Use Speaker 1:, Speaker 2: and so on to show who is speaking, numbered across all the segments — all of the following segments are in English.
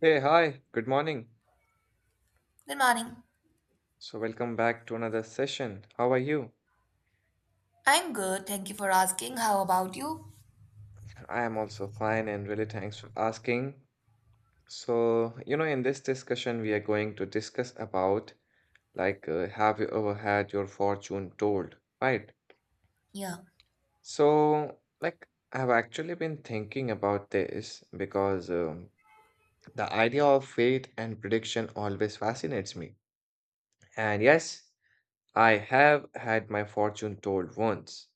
Speaker 1: Hey, hi, good morning.
Speaker 2: Good morning.
Speaker 1: So, welcome back to another session. How are you?
Speaker 2: I'm good. Thank you for asking. How about you?
Speaker 1: I am also fine and really thanks for asking. So, in this discussion, we are going to discuss about have you ever had your fortune told, right?
Speaker 2: Yeah,
Speaker 1: So, like, I've actually been thinking about this because the idea of fate and prediction always fascinates me. And yes, I have had my fortune told once.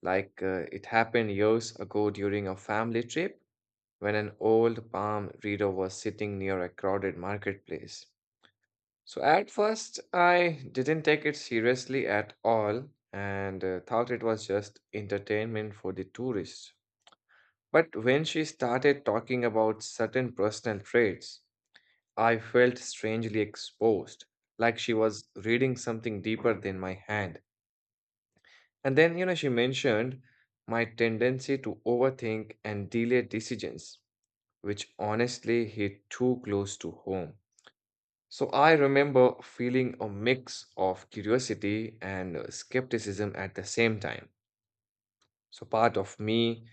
Speaker 1: Like it happened years ago during a family trip when an old palm reader was sitting near a crowded marketplace. So at first, I didn't take it seriously at all and thought it was just entertainment for the tourists. But when she started talking about certain personal traits, I felt strangely exposed, like she was reading something deeper than my hand. And then, she mentioned my tendency to overthink and delay decisions, which honestly hit too close to home. So I remember feeling a mix of curiosity and skepticism at the same time. So part of me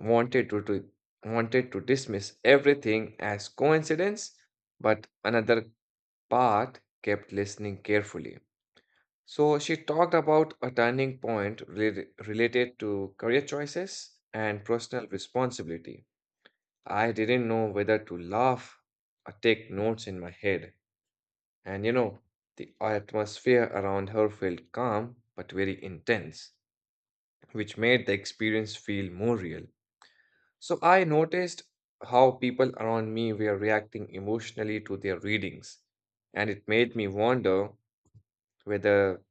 Speaker 1: wanted to, to wanted to dismiss everything as coincidence, but another part kept listening carefully. So she talked about a turning point related to career choices and personal responsibility. I didn't know whether to laugh or take notes in my head. And the atmosphere around her felt calm but very intense, which made the experience feel more real. So I noticed how people around me were reacting emotionally to their readings, and it made me wonder whether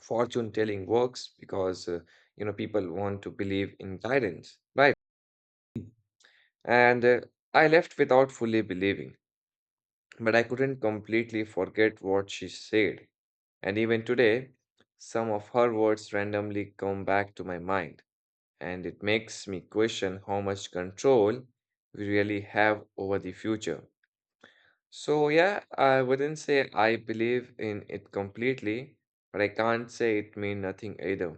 Speaker 1: fortune telling works because people want to believe in guidance, right? and I left without fully believing, but I couldn't completely forget what she said. And even today, some of her words randomly come back to my mind, and it makes me question how much control we really have over the future. So yeah, I wouldn't say I believe in it completely, but I can't say it means nothing either.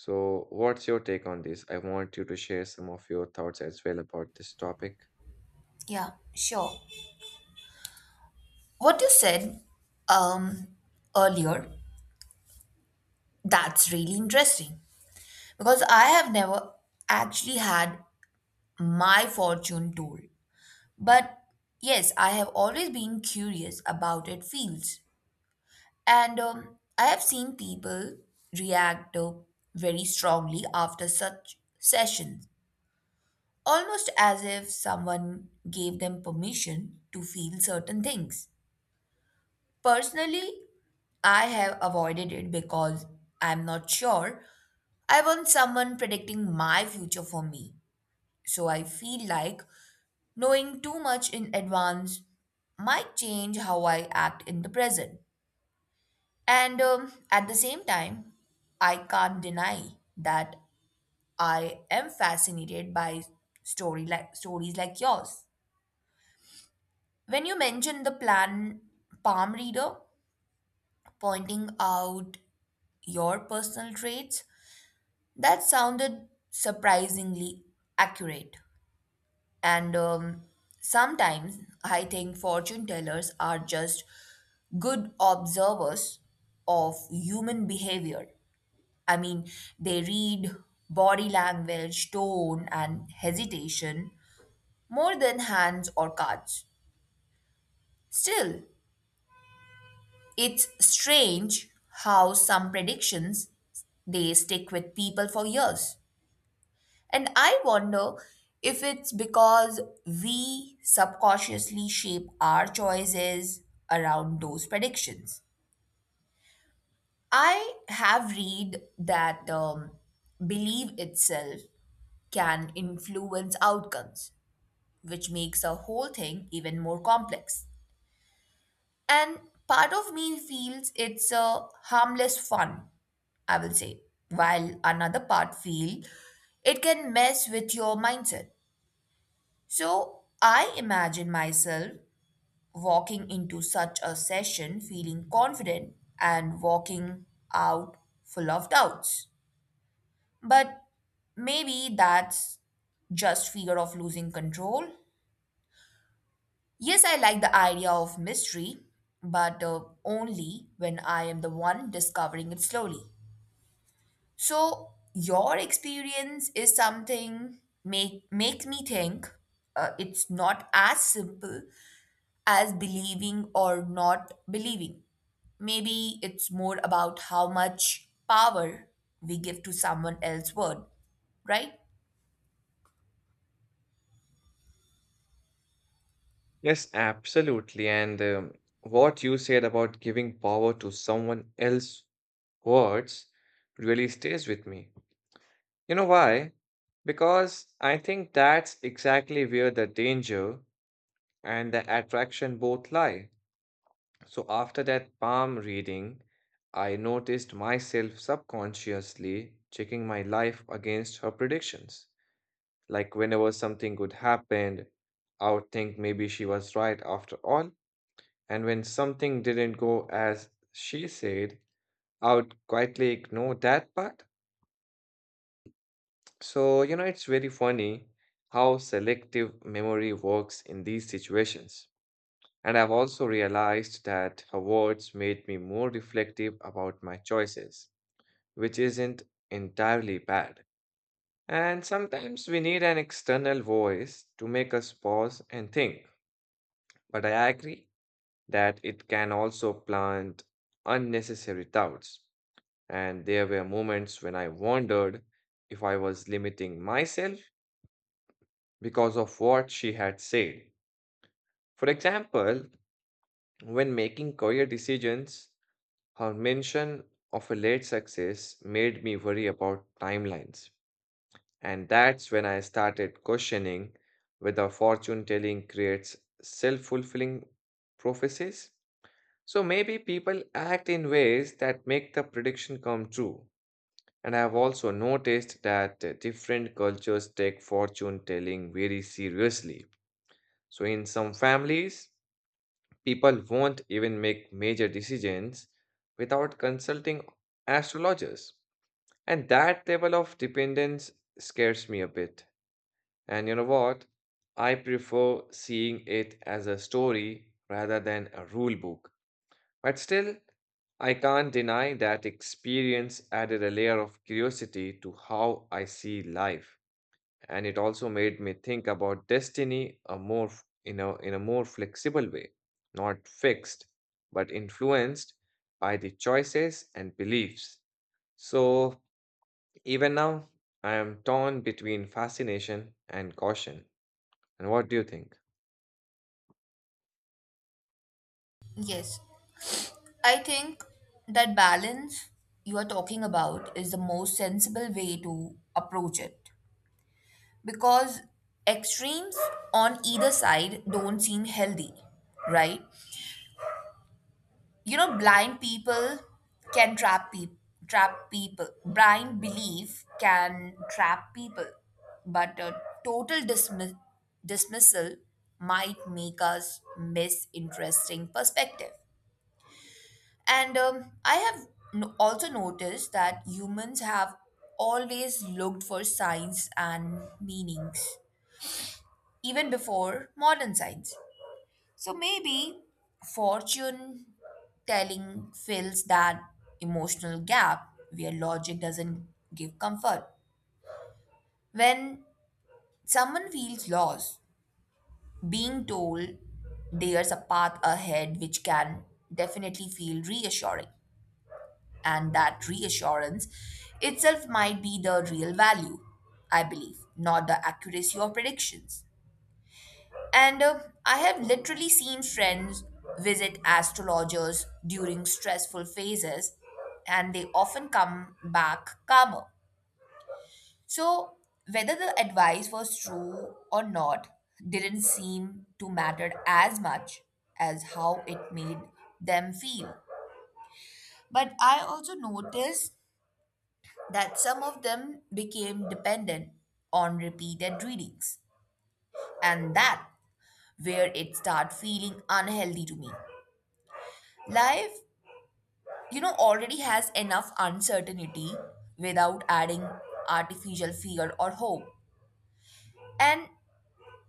Speaker 1: So, what's your take on this? I want you to share some of your thoughts as well about this topic.
Speaker 2: yeah, sure. What you said um earlier, that's really interesting because I have never actually had my fortune told. But yes, I have always been curious about it Fields. And I have seen people react very strongly after such sessions, almost as if someone gave them permission to feel certain things. Personally, I have avoided it because I'm not sure I want someone predicting my future for me. So I feel like knowing too much in advance might change how I act in the present. And At the same time, I can't deny that I am fascinated by story like stories like yours. When you mentioned the plan palm reader pointing out your personal traits, that sounded surprisingly accurate. And Sometimes I think fortune tellers are just good observers of human behavior. I mean, they read body language, tone, and hesitation more than hands or cards. Still, it's strange how some predictions, they stick with people for years. And I wonder if it's because we subconsciously shape our choices around those predictions. I have read that belief itself can influence outcomes, which makes the whole thing even more complex. And part of me feels it's a harmless fun, I will say, while another part feel it can mess with your mindset. So I imagine myself walking into such a session feeling confident and walking out full of doubts. But maybe that's just fear of losing control. Yes, I like the idea of mystery, but only when I am the one discovering it slowly. So your experience is something makes me think it's not as simple as believing or not believing. Maybe it's more about how much power we give to someone else's word, right?
Speaker 1: Yes, absolutely. And what you said about giving power to someone else's words really stays with me. You know why? Because I think that's exactly where the danger and the attraction both lie. So after that palm reading, I noticed myself subconsciously checking my life against her predictions. Like whenever something good happened, I would think maybe she was right after all. And when something didn't go as she said, I would quietly ignore that part. So, it's very funny how selective memory works in these situations. And I've also realized that her words made me more reflective about my choices, which isn't entirely bad. And sometimes we need an external voice to make us pause and think. But I agree that it can also plant unnecessary doubts. And there were moments when I wondered if I was limiting myself because of what she had said. For example, when making career decisions, her mention of a late success made me worry about timelines. And that's when I started questioning whether fortune telling creates self fulfilling prophecies. So maybe people act in ways that make the prediction come true. And I have also noticed that different cultures take fortune telling very seriously. So in some families, people won't even make major decisions without consulting astrologers. And that level of dependence scares me a bit. And you know what? I prefer seeing it as a story rather than a rule book. But still, I can't deny that experience added a layer of curiosity to how I see life. And it also made me think about destiny in in a more flexible way, not fixed, but influenced by the choices and beliefs. So even now, I am torn between fascination and caution. And what do you think?
Speaker 2: Yes. I think that balance you are talking about is the most sensible way to approach it, because extremes on either side don't seem healthy, right? You know, blind people can trap people. Trap people. Blind belief can trap people, but a total dismissal might make us miss interesting perspective. And I have also noticed that humans have always looked for signs and meanings, even before modern science. So maybe fortune telling fills that emotional gap where logic doesn't give comfort. When someone feels lost, being told there's a path ahead which can definitely feel reassuring, and that reassurance itself might be the real value, I believe, not the accuracy of predictions. And I have literally seen friends visit astrologers during stressful phases, and they often come back calmer. So, whether the advice was true or not didn't seem to matter as much as how it made them feel. But I also noticed that some of them became dependent on repeated readings, and that where it started feeling unhealthy to me. Life, you know, already has enough uncertainty without adding artificial fear or hope, and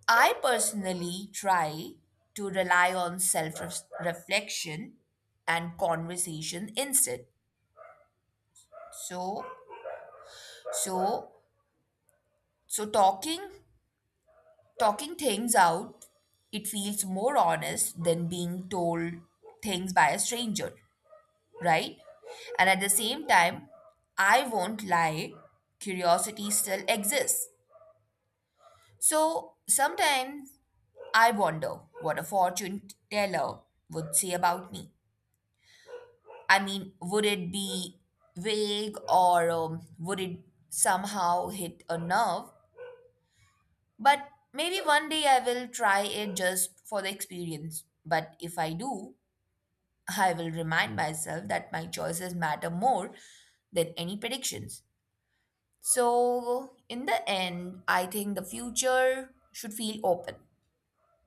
Speaker 2: I personally try to rely on self reflection and conversation instead. So so so talking things out, it feels more honest than being told things by a stranger, right? And at the same time, I won't lie, curiosity still exists. So sometimes I wonder what a fortune teller would say about me. I mean, would it be vague, or would it somehow hit a nerve? But maybe one day I will try it just for the experience. But if I do, I will remind myself that my choices matter more than any predictions. So, in the end, I think the future should feel open.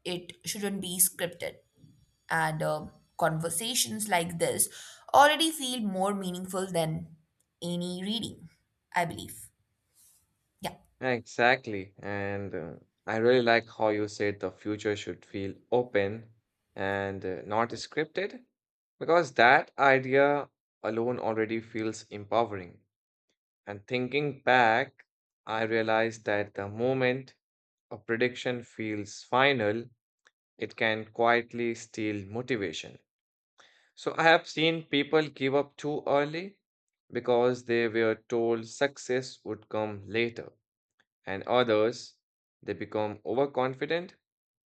Speaker 2: It shouldn't be scripted. And Conversations like this already feel more meaningful than any reading, I believe. Yeah.
Speaker 1: Exactly. And I really like how you said the future should feel open and not scripted, because that idea alone already feels empowering. And thinking back, I realized that the moment a prediction feels final, it can quietly steal motivation. So I have seen people give up too early because they were told success would come later, and others, they become overconfident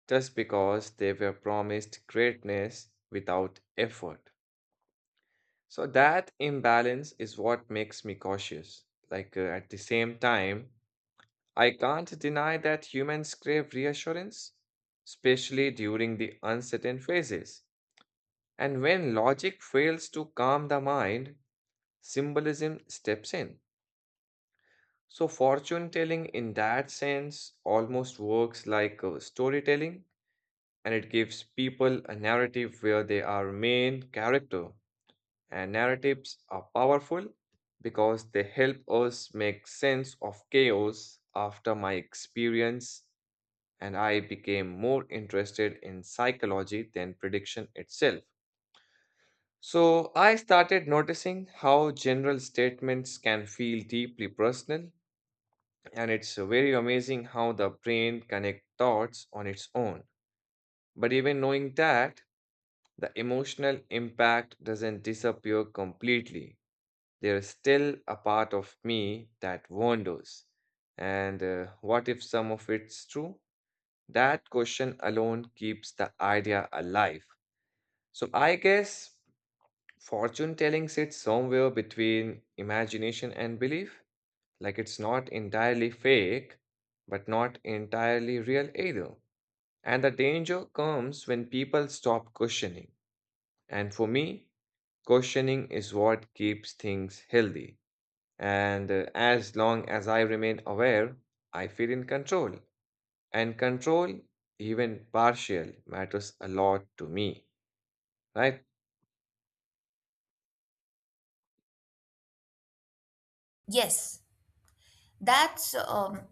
Speaker 1: just because they were promised greatness without effort. So that imbalance is what makes me cautious. Like at the same time, I can't deny that humans crave reassurance, especially during the uncertain phases. And when logic fails to calm the mind, symbolism steps in. So, fortune telling in that sense almost works like storytelling, and it gives people a narrative where they are main character. And narratives are powerful because they help us make sense of chaos. After my experience, and I became more interested in psychology than prediction itself. So I started noticing how general statements can feel deeply personal, and it's very amazing how the brain connects thoughts on its own. But even knowing that, the emotional impact doesn't disappear completely. There's still a part of me that wonders. And what if some of it's true? That question alone keeps the idea alive. So I guess fortune telling sits somewhere between imagination and belief. Like it's not entirely fake, but not entirely real either. And the danger comes when people stop questioning. And for me, questioning is what keeps things healthy. And as long as I remain aware, I feel in control. And control, even partial, matters a lot to me, right?
Speaker 2: Yes, that's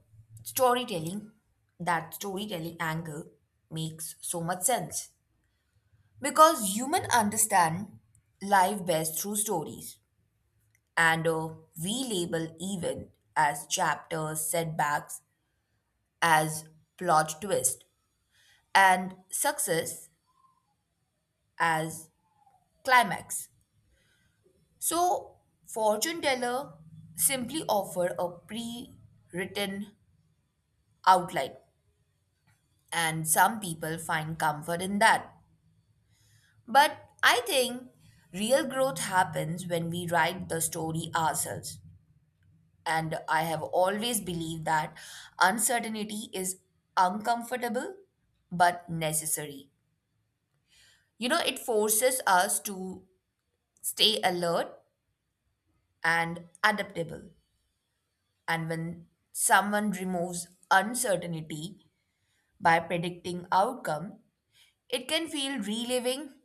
Speaker 2: storytelling. That storytelling angle makes so much sense because human understand life best through stories, and we label even as chapters, setbacks as plot twist, and success as climax. So, fortune teller simply offer a pre-written outline, and some people find comfort in that. But I think real growth happens when we write the story ourselves. And I have always believed that uncertainty is uncomfortable but necessary. You know, it forces us to stay alert and adaptable. And when someone removes uncertainty by predicting outcome, it can feel relieving,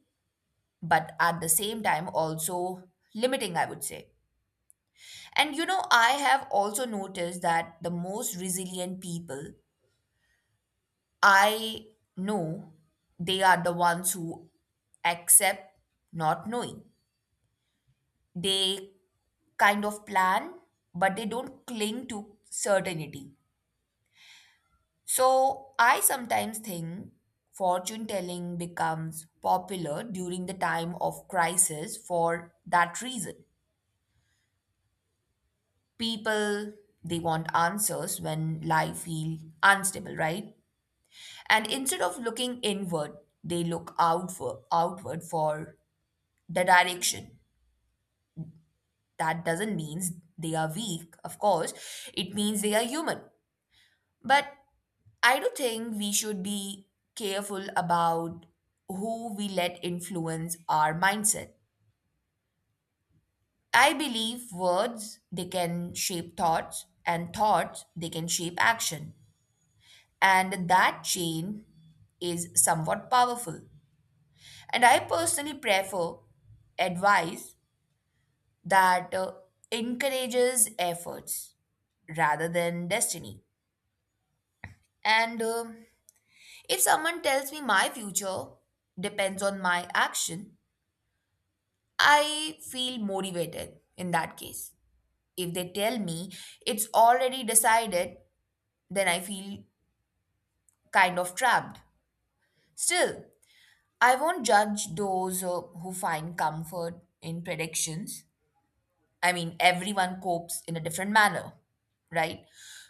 Speaker 2: but at the same time also limiting, I would say. And you know, I have also noticed that the most resilient people I know, they are the ones who accept not knowing. They kind of plan, but they don't cling to certainty. So I sometimes think fortune telling becomes popular during the time of crisis for that reason. People, they want answers when life feels unstable, right? And instead of looking inward, they look outward for the direction. That doesn't mean they are weak, of course. It means they are human. But I do think we should be careful about who we let influence our mindset. I believe words, they can shape thoughts, and thoughts, they can shape action, and that chain is somewhat powerful. And I personally prefer advice that encourages efforts rather than destiny. And if someone tells me my future depends on my action, I feel motivated in that case. If they tell me it's already decided, then I feel kind of trapped. Still, I won't judge those who find comfort in predictions. I mean, everyone copes in a different manner, right?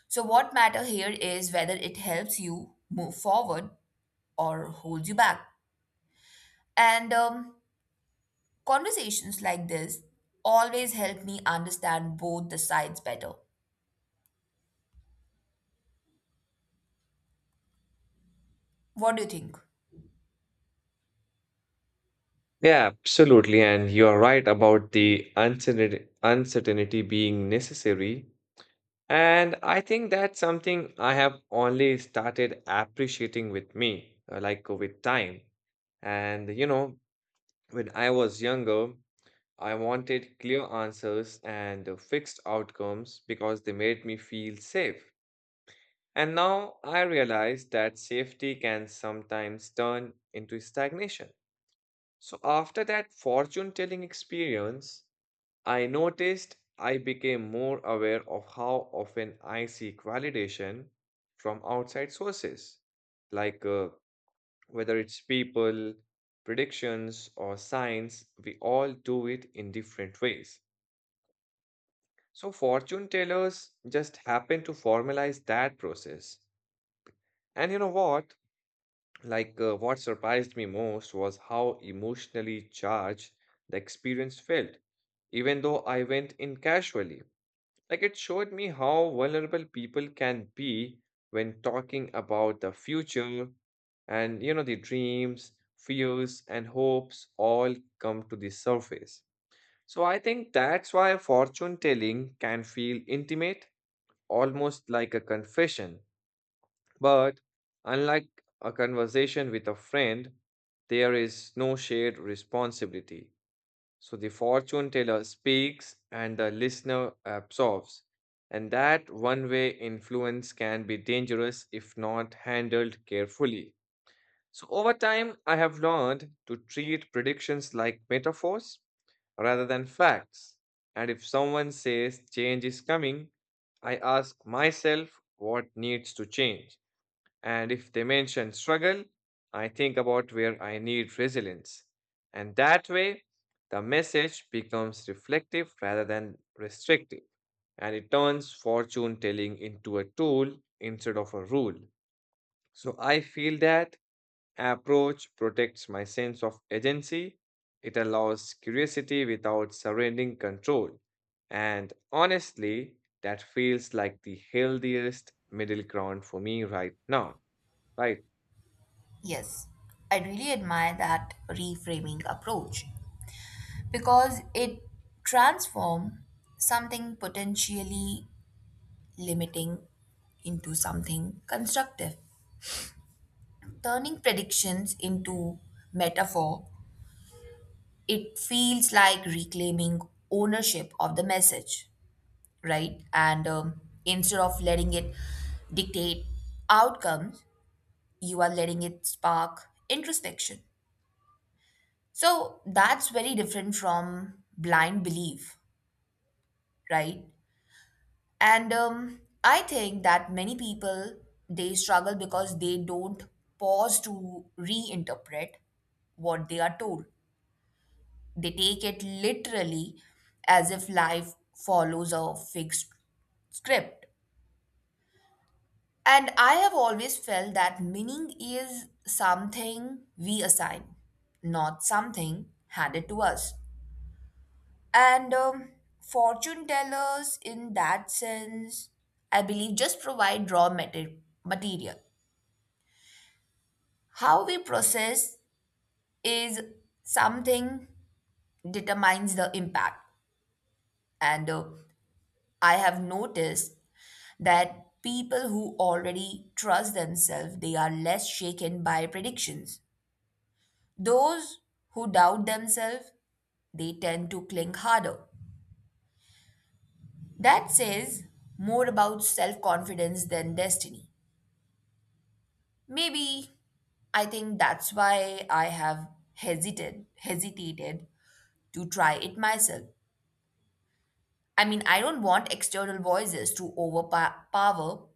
Speaker 2: So, what matter here is whether it helps you move forward or holds you back. And Conversations like this always help me understand both the sides better. What do you think?
Speaker 1: Yeah, absolutely. And you're right about the uncertainty being necessary. And I think that's something I have only started appreciating with me, like with time. And you know, when I was younger, I wanted clear answers and fixed outcomes because they made me feel safe. And now I realize that safety can sometimes turn into stagnation. So, after that fortune telling experience, I noticed I became more aware of how often I seek validation from outside sources, like whether it's people, predictions, or signs, we all do it in different ways. So fortune tellers just happen to formalize that process. And you know what? Like what surprised me most was how emotionally charged the experience felt, even though I went in casually. Like it showed me how vulnerable people can be when talking about the future, and you know the dreams, fears and hopes all come to the surface. So I think that's why fortune telling can feel intimate, almost like a confession. But unlike a conversation with a friend, there is no shared responsibility. So the fortune teller speaks and the listener absorbs. And that one way influence can be dangerous if not handled carefully. So, over time, I have learned to treat predictions like metaphors rather than facts. And if someone says change is coming, I ask myself what needs to change. And if they mention struggle, I think about where I need resilience. And that way, the message becomes reflective rather than restrictive. And it turns fortune telling into a tool instead of a rule. So I feel that approach protects my sense of agency. It allows curiosity without surrendering control. And honestly, that feels like the healthiest middle ground for me right now. Right.
Speaker 2: Yes, I really admire that reframing approach because it transforms something potentially limiting into something constructive. Turning predictions into metaphor, it feels like reclaiming ownership of the message, right? And Instead of letting it dictate outcomes, you are letting it spark introspection. So that's very different from blind belief, right? And I think that many people, they struggle because they don't pause to reinterpret what they are told. They take it literally as if life follows a fixed script. And I have always felt that meaning is something we assign, not something handed to us. And Fortune tellers, in that sense, I believe just provide raw material. How we process is something determines the impact. And I have noticed that people who already trust themselves, they are less shaken by predictions. Those who doubt themselves, they tend to cling harder. That says more about self confidence than destiny. Maybe I think that's why I have hesitated to try it myself. I mean, I don't want external voices to overpower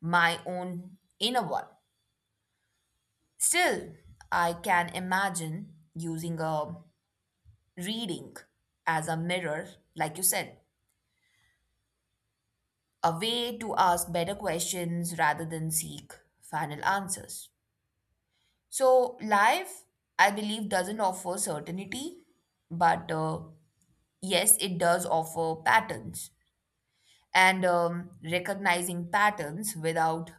Speaker 2: my own inner one. Still, I can imagine using a reading as a mirror, like you said, a way to ask better questions rather than seek final answers. So, life, I believe, doesn't offer certainty, but yes, it does offer patterns, and recognizing patterns without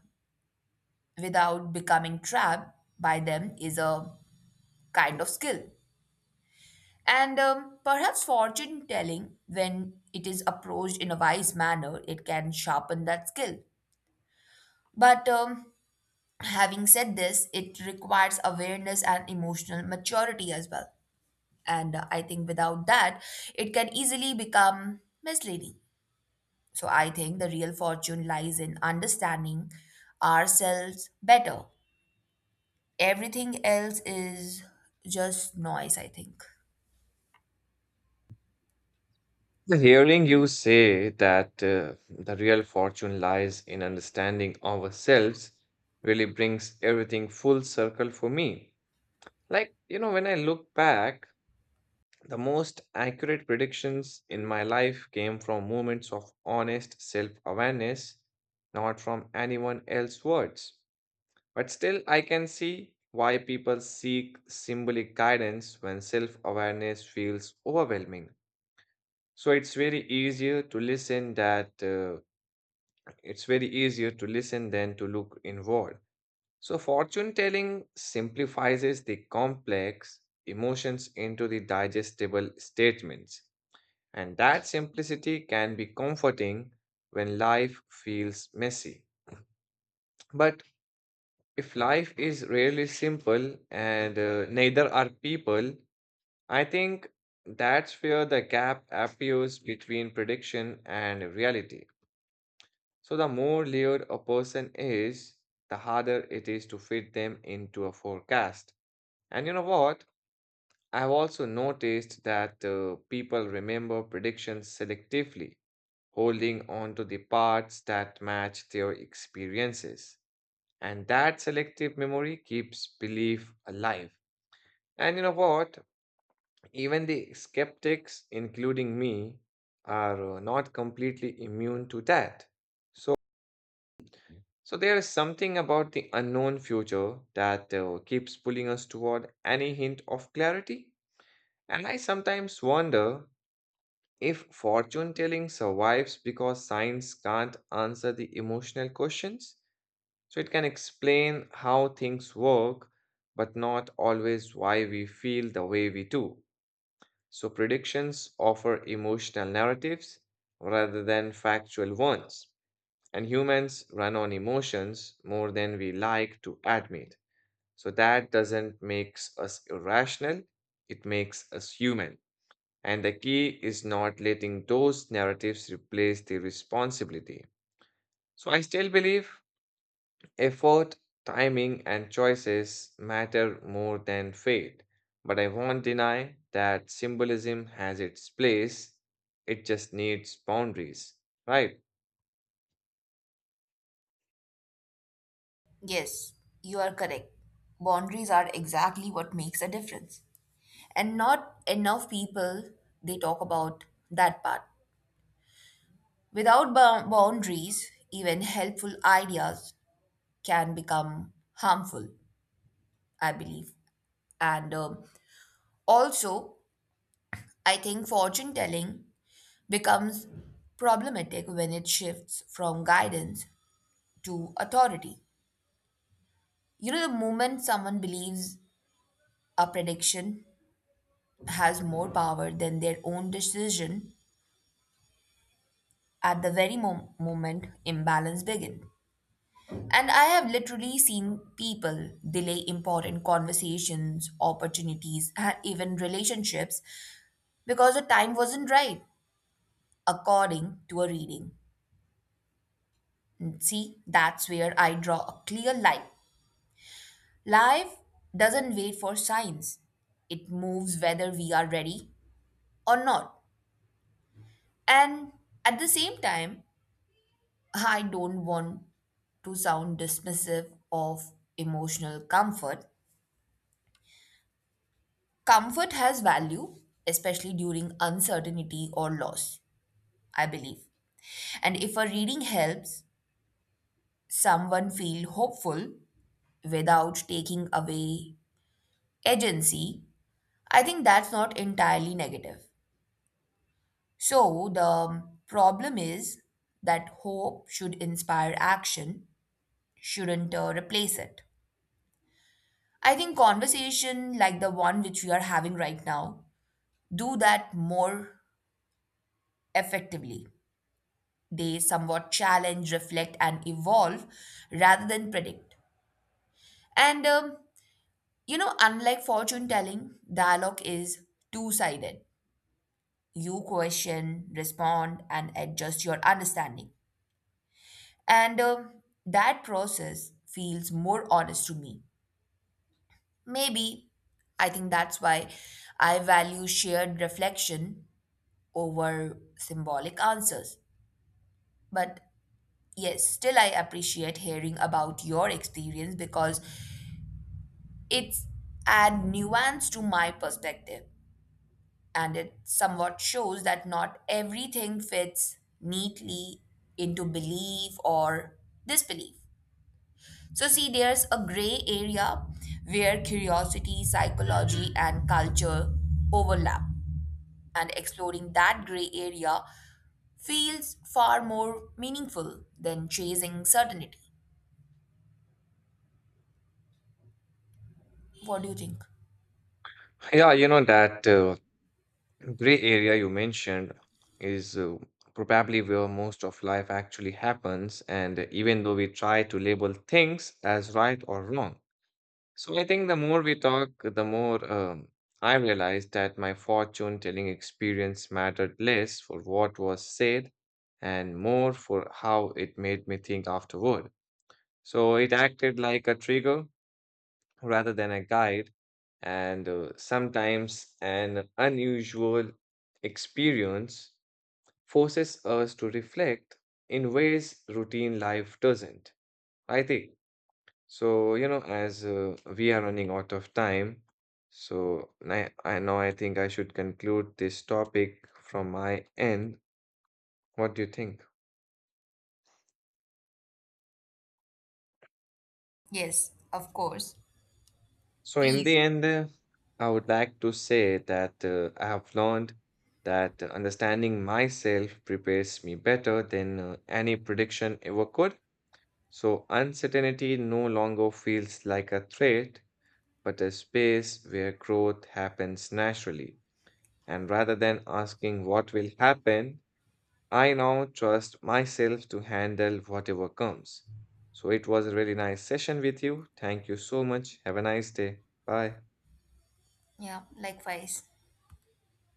Speaker 2: without becoming trapped by them is a kind of skill. And Perhaps fortune telling, when it is approached in a wise manner, it can sharpen that skill. But having said this, it requires awareness and emotional maturity as well. And I think without that, it can easily become misleading. So I think the real fortune lies in understanding ourselves better. Everything else is just noise, I think.
Speaker 1: The hearing you say that the real fortune lies in understanding ourselves really brings everything full circle for me. Like, you know, when I look back, the most accurate predictions in my life came from moments of honest self awareness, not from anyone else's words. But still, I can see why people seek symbolic guidance when self awareness feels overwhelming. So it's very easier to listen than to look inward. So fortune telling simplifies the complex emotions into the digestible statements, and that simplicity can be comforting when life feels messy. But if life is really simple and neither are people, I think that's where the gap appears between prediction and reality. So, the more layered a person is, the harder it is to fit them into a forecast. And you know what? I've also noticed that people remember predictions selectively, holding on to the parts that match their experiences. And that selective memory keeps belief alive. And you know what? Even the skeptics, including me, are not completely immune to that. So, so there is something about the unknown future that keeps pulling us toward any hint of clarity. And I sometimes wonder if fortune telling survives because science can't answer the emotional questions. So it can explain how things work, but not always why we feel the way we do. So predictions offer emotional narratives rather than factual ones. And humans run on emotions more than we like to admit. So that doesn't make us irrational, it makes us human. And the key is not letting those narratives replace the responsibility. So I still believe effort, timing, and choices matter more than fate, but I won't deny that symbolism has its place. It just needs boundaries, right?
Speaker 2: Yes, you are correct. Boundaries are exactly what makes a difference. And not enough people, they talk about that part. Without boundaries, even helpful ideas can become harmful, I believe. And Also, I think fortune telling becomes problematic when it shifts from guidance to authority. You know, the moment someone believes a prediction has more power than their own decision, at the very moment, imbalance begins. And I have literally seen people delay important conversations, opportunities, and even relationships because the time wasn't right, according to a reading. And see, that's where I draw a clear line. Life doesn't wait for signs. It moves whether we are ready or not. And at the same time, I don't want to sound dismissive of emotional comfort. Comfort has value, especially during uncertainty or loss, I believe. And if a reading helps someone feel hopeful without taking away agency, I think that's not entirely negative. So the problem is that hope should inspire action, shouldn't replace it. I think conversation like the one which we are having right now do that more effectively. They somewhat challenge, reflect, and evolve rather than predict. And You know, unlike fortune telling, dialogue is two sided. You question, respond, and adjust your understanding. And That process feels more honest to me. Maybe I think that's why I value shared reflection over symbolic answers. But yes, still I appreciate hearing about your experience because it's add nuance to my perspective, and it somewhat shows that not everything fits neatly into belief or disbelief. So, see, there's a gray area where curiosity, psychology, and culture overlap, and exploring that gray area feels far more meaningful than chasing certainty. What do you think?
Speaker 1: Yeah, you know, that gray area you mentioned is probably where most of life actually happens, and even though we try to label things as right or wrong, so I think the more we talk, the more I realized that my fortune telling experience mattered less for what was said and more for how it made me think afterward. So it acted like a trigger rather than a guide, and sometimes an unusual experience forces us to reflect in ways routine life doesn't, right? So, you know, as we are running out of time, so I think I should conclude this topic from my end. What do you think?
Speaker 2: Yes, of course.
Speaker 1: So, in the
Speaker 2: Please.
Speaker 1: end, I would like to say that I have learned that understanding myself prepares me better than any prediction ever could. So, uncertainty no longer feels like a threat, but a space where growth happens naturally. And rather than asking what will happen, I now trust myself to handle whatever comes. So it was a really nice session with you. Thank you so much. Have a nice day. Bye.
Speaker 2: Yeah, please.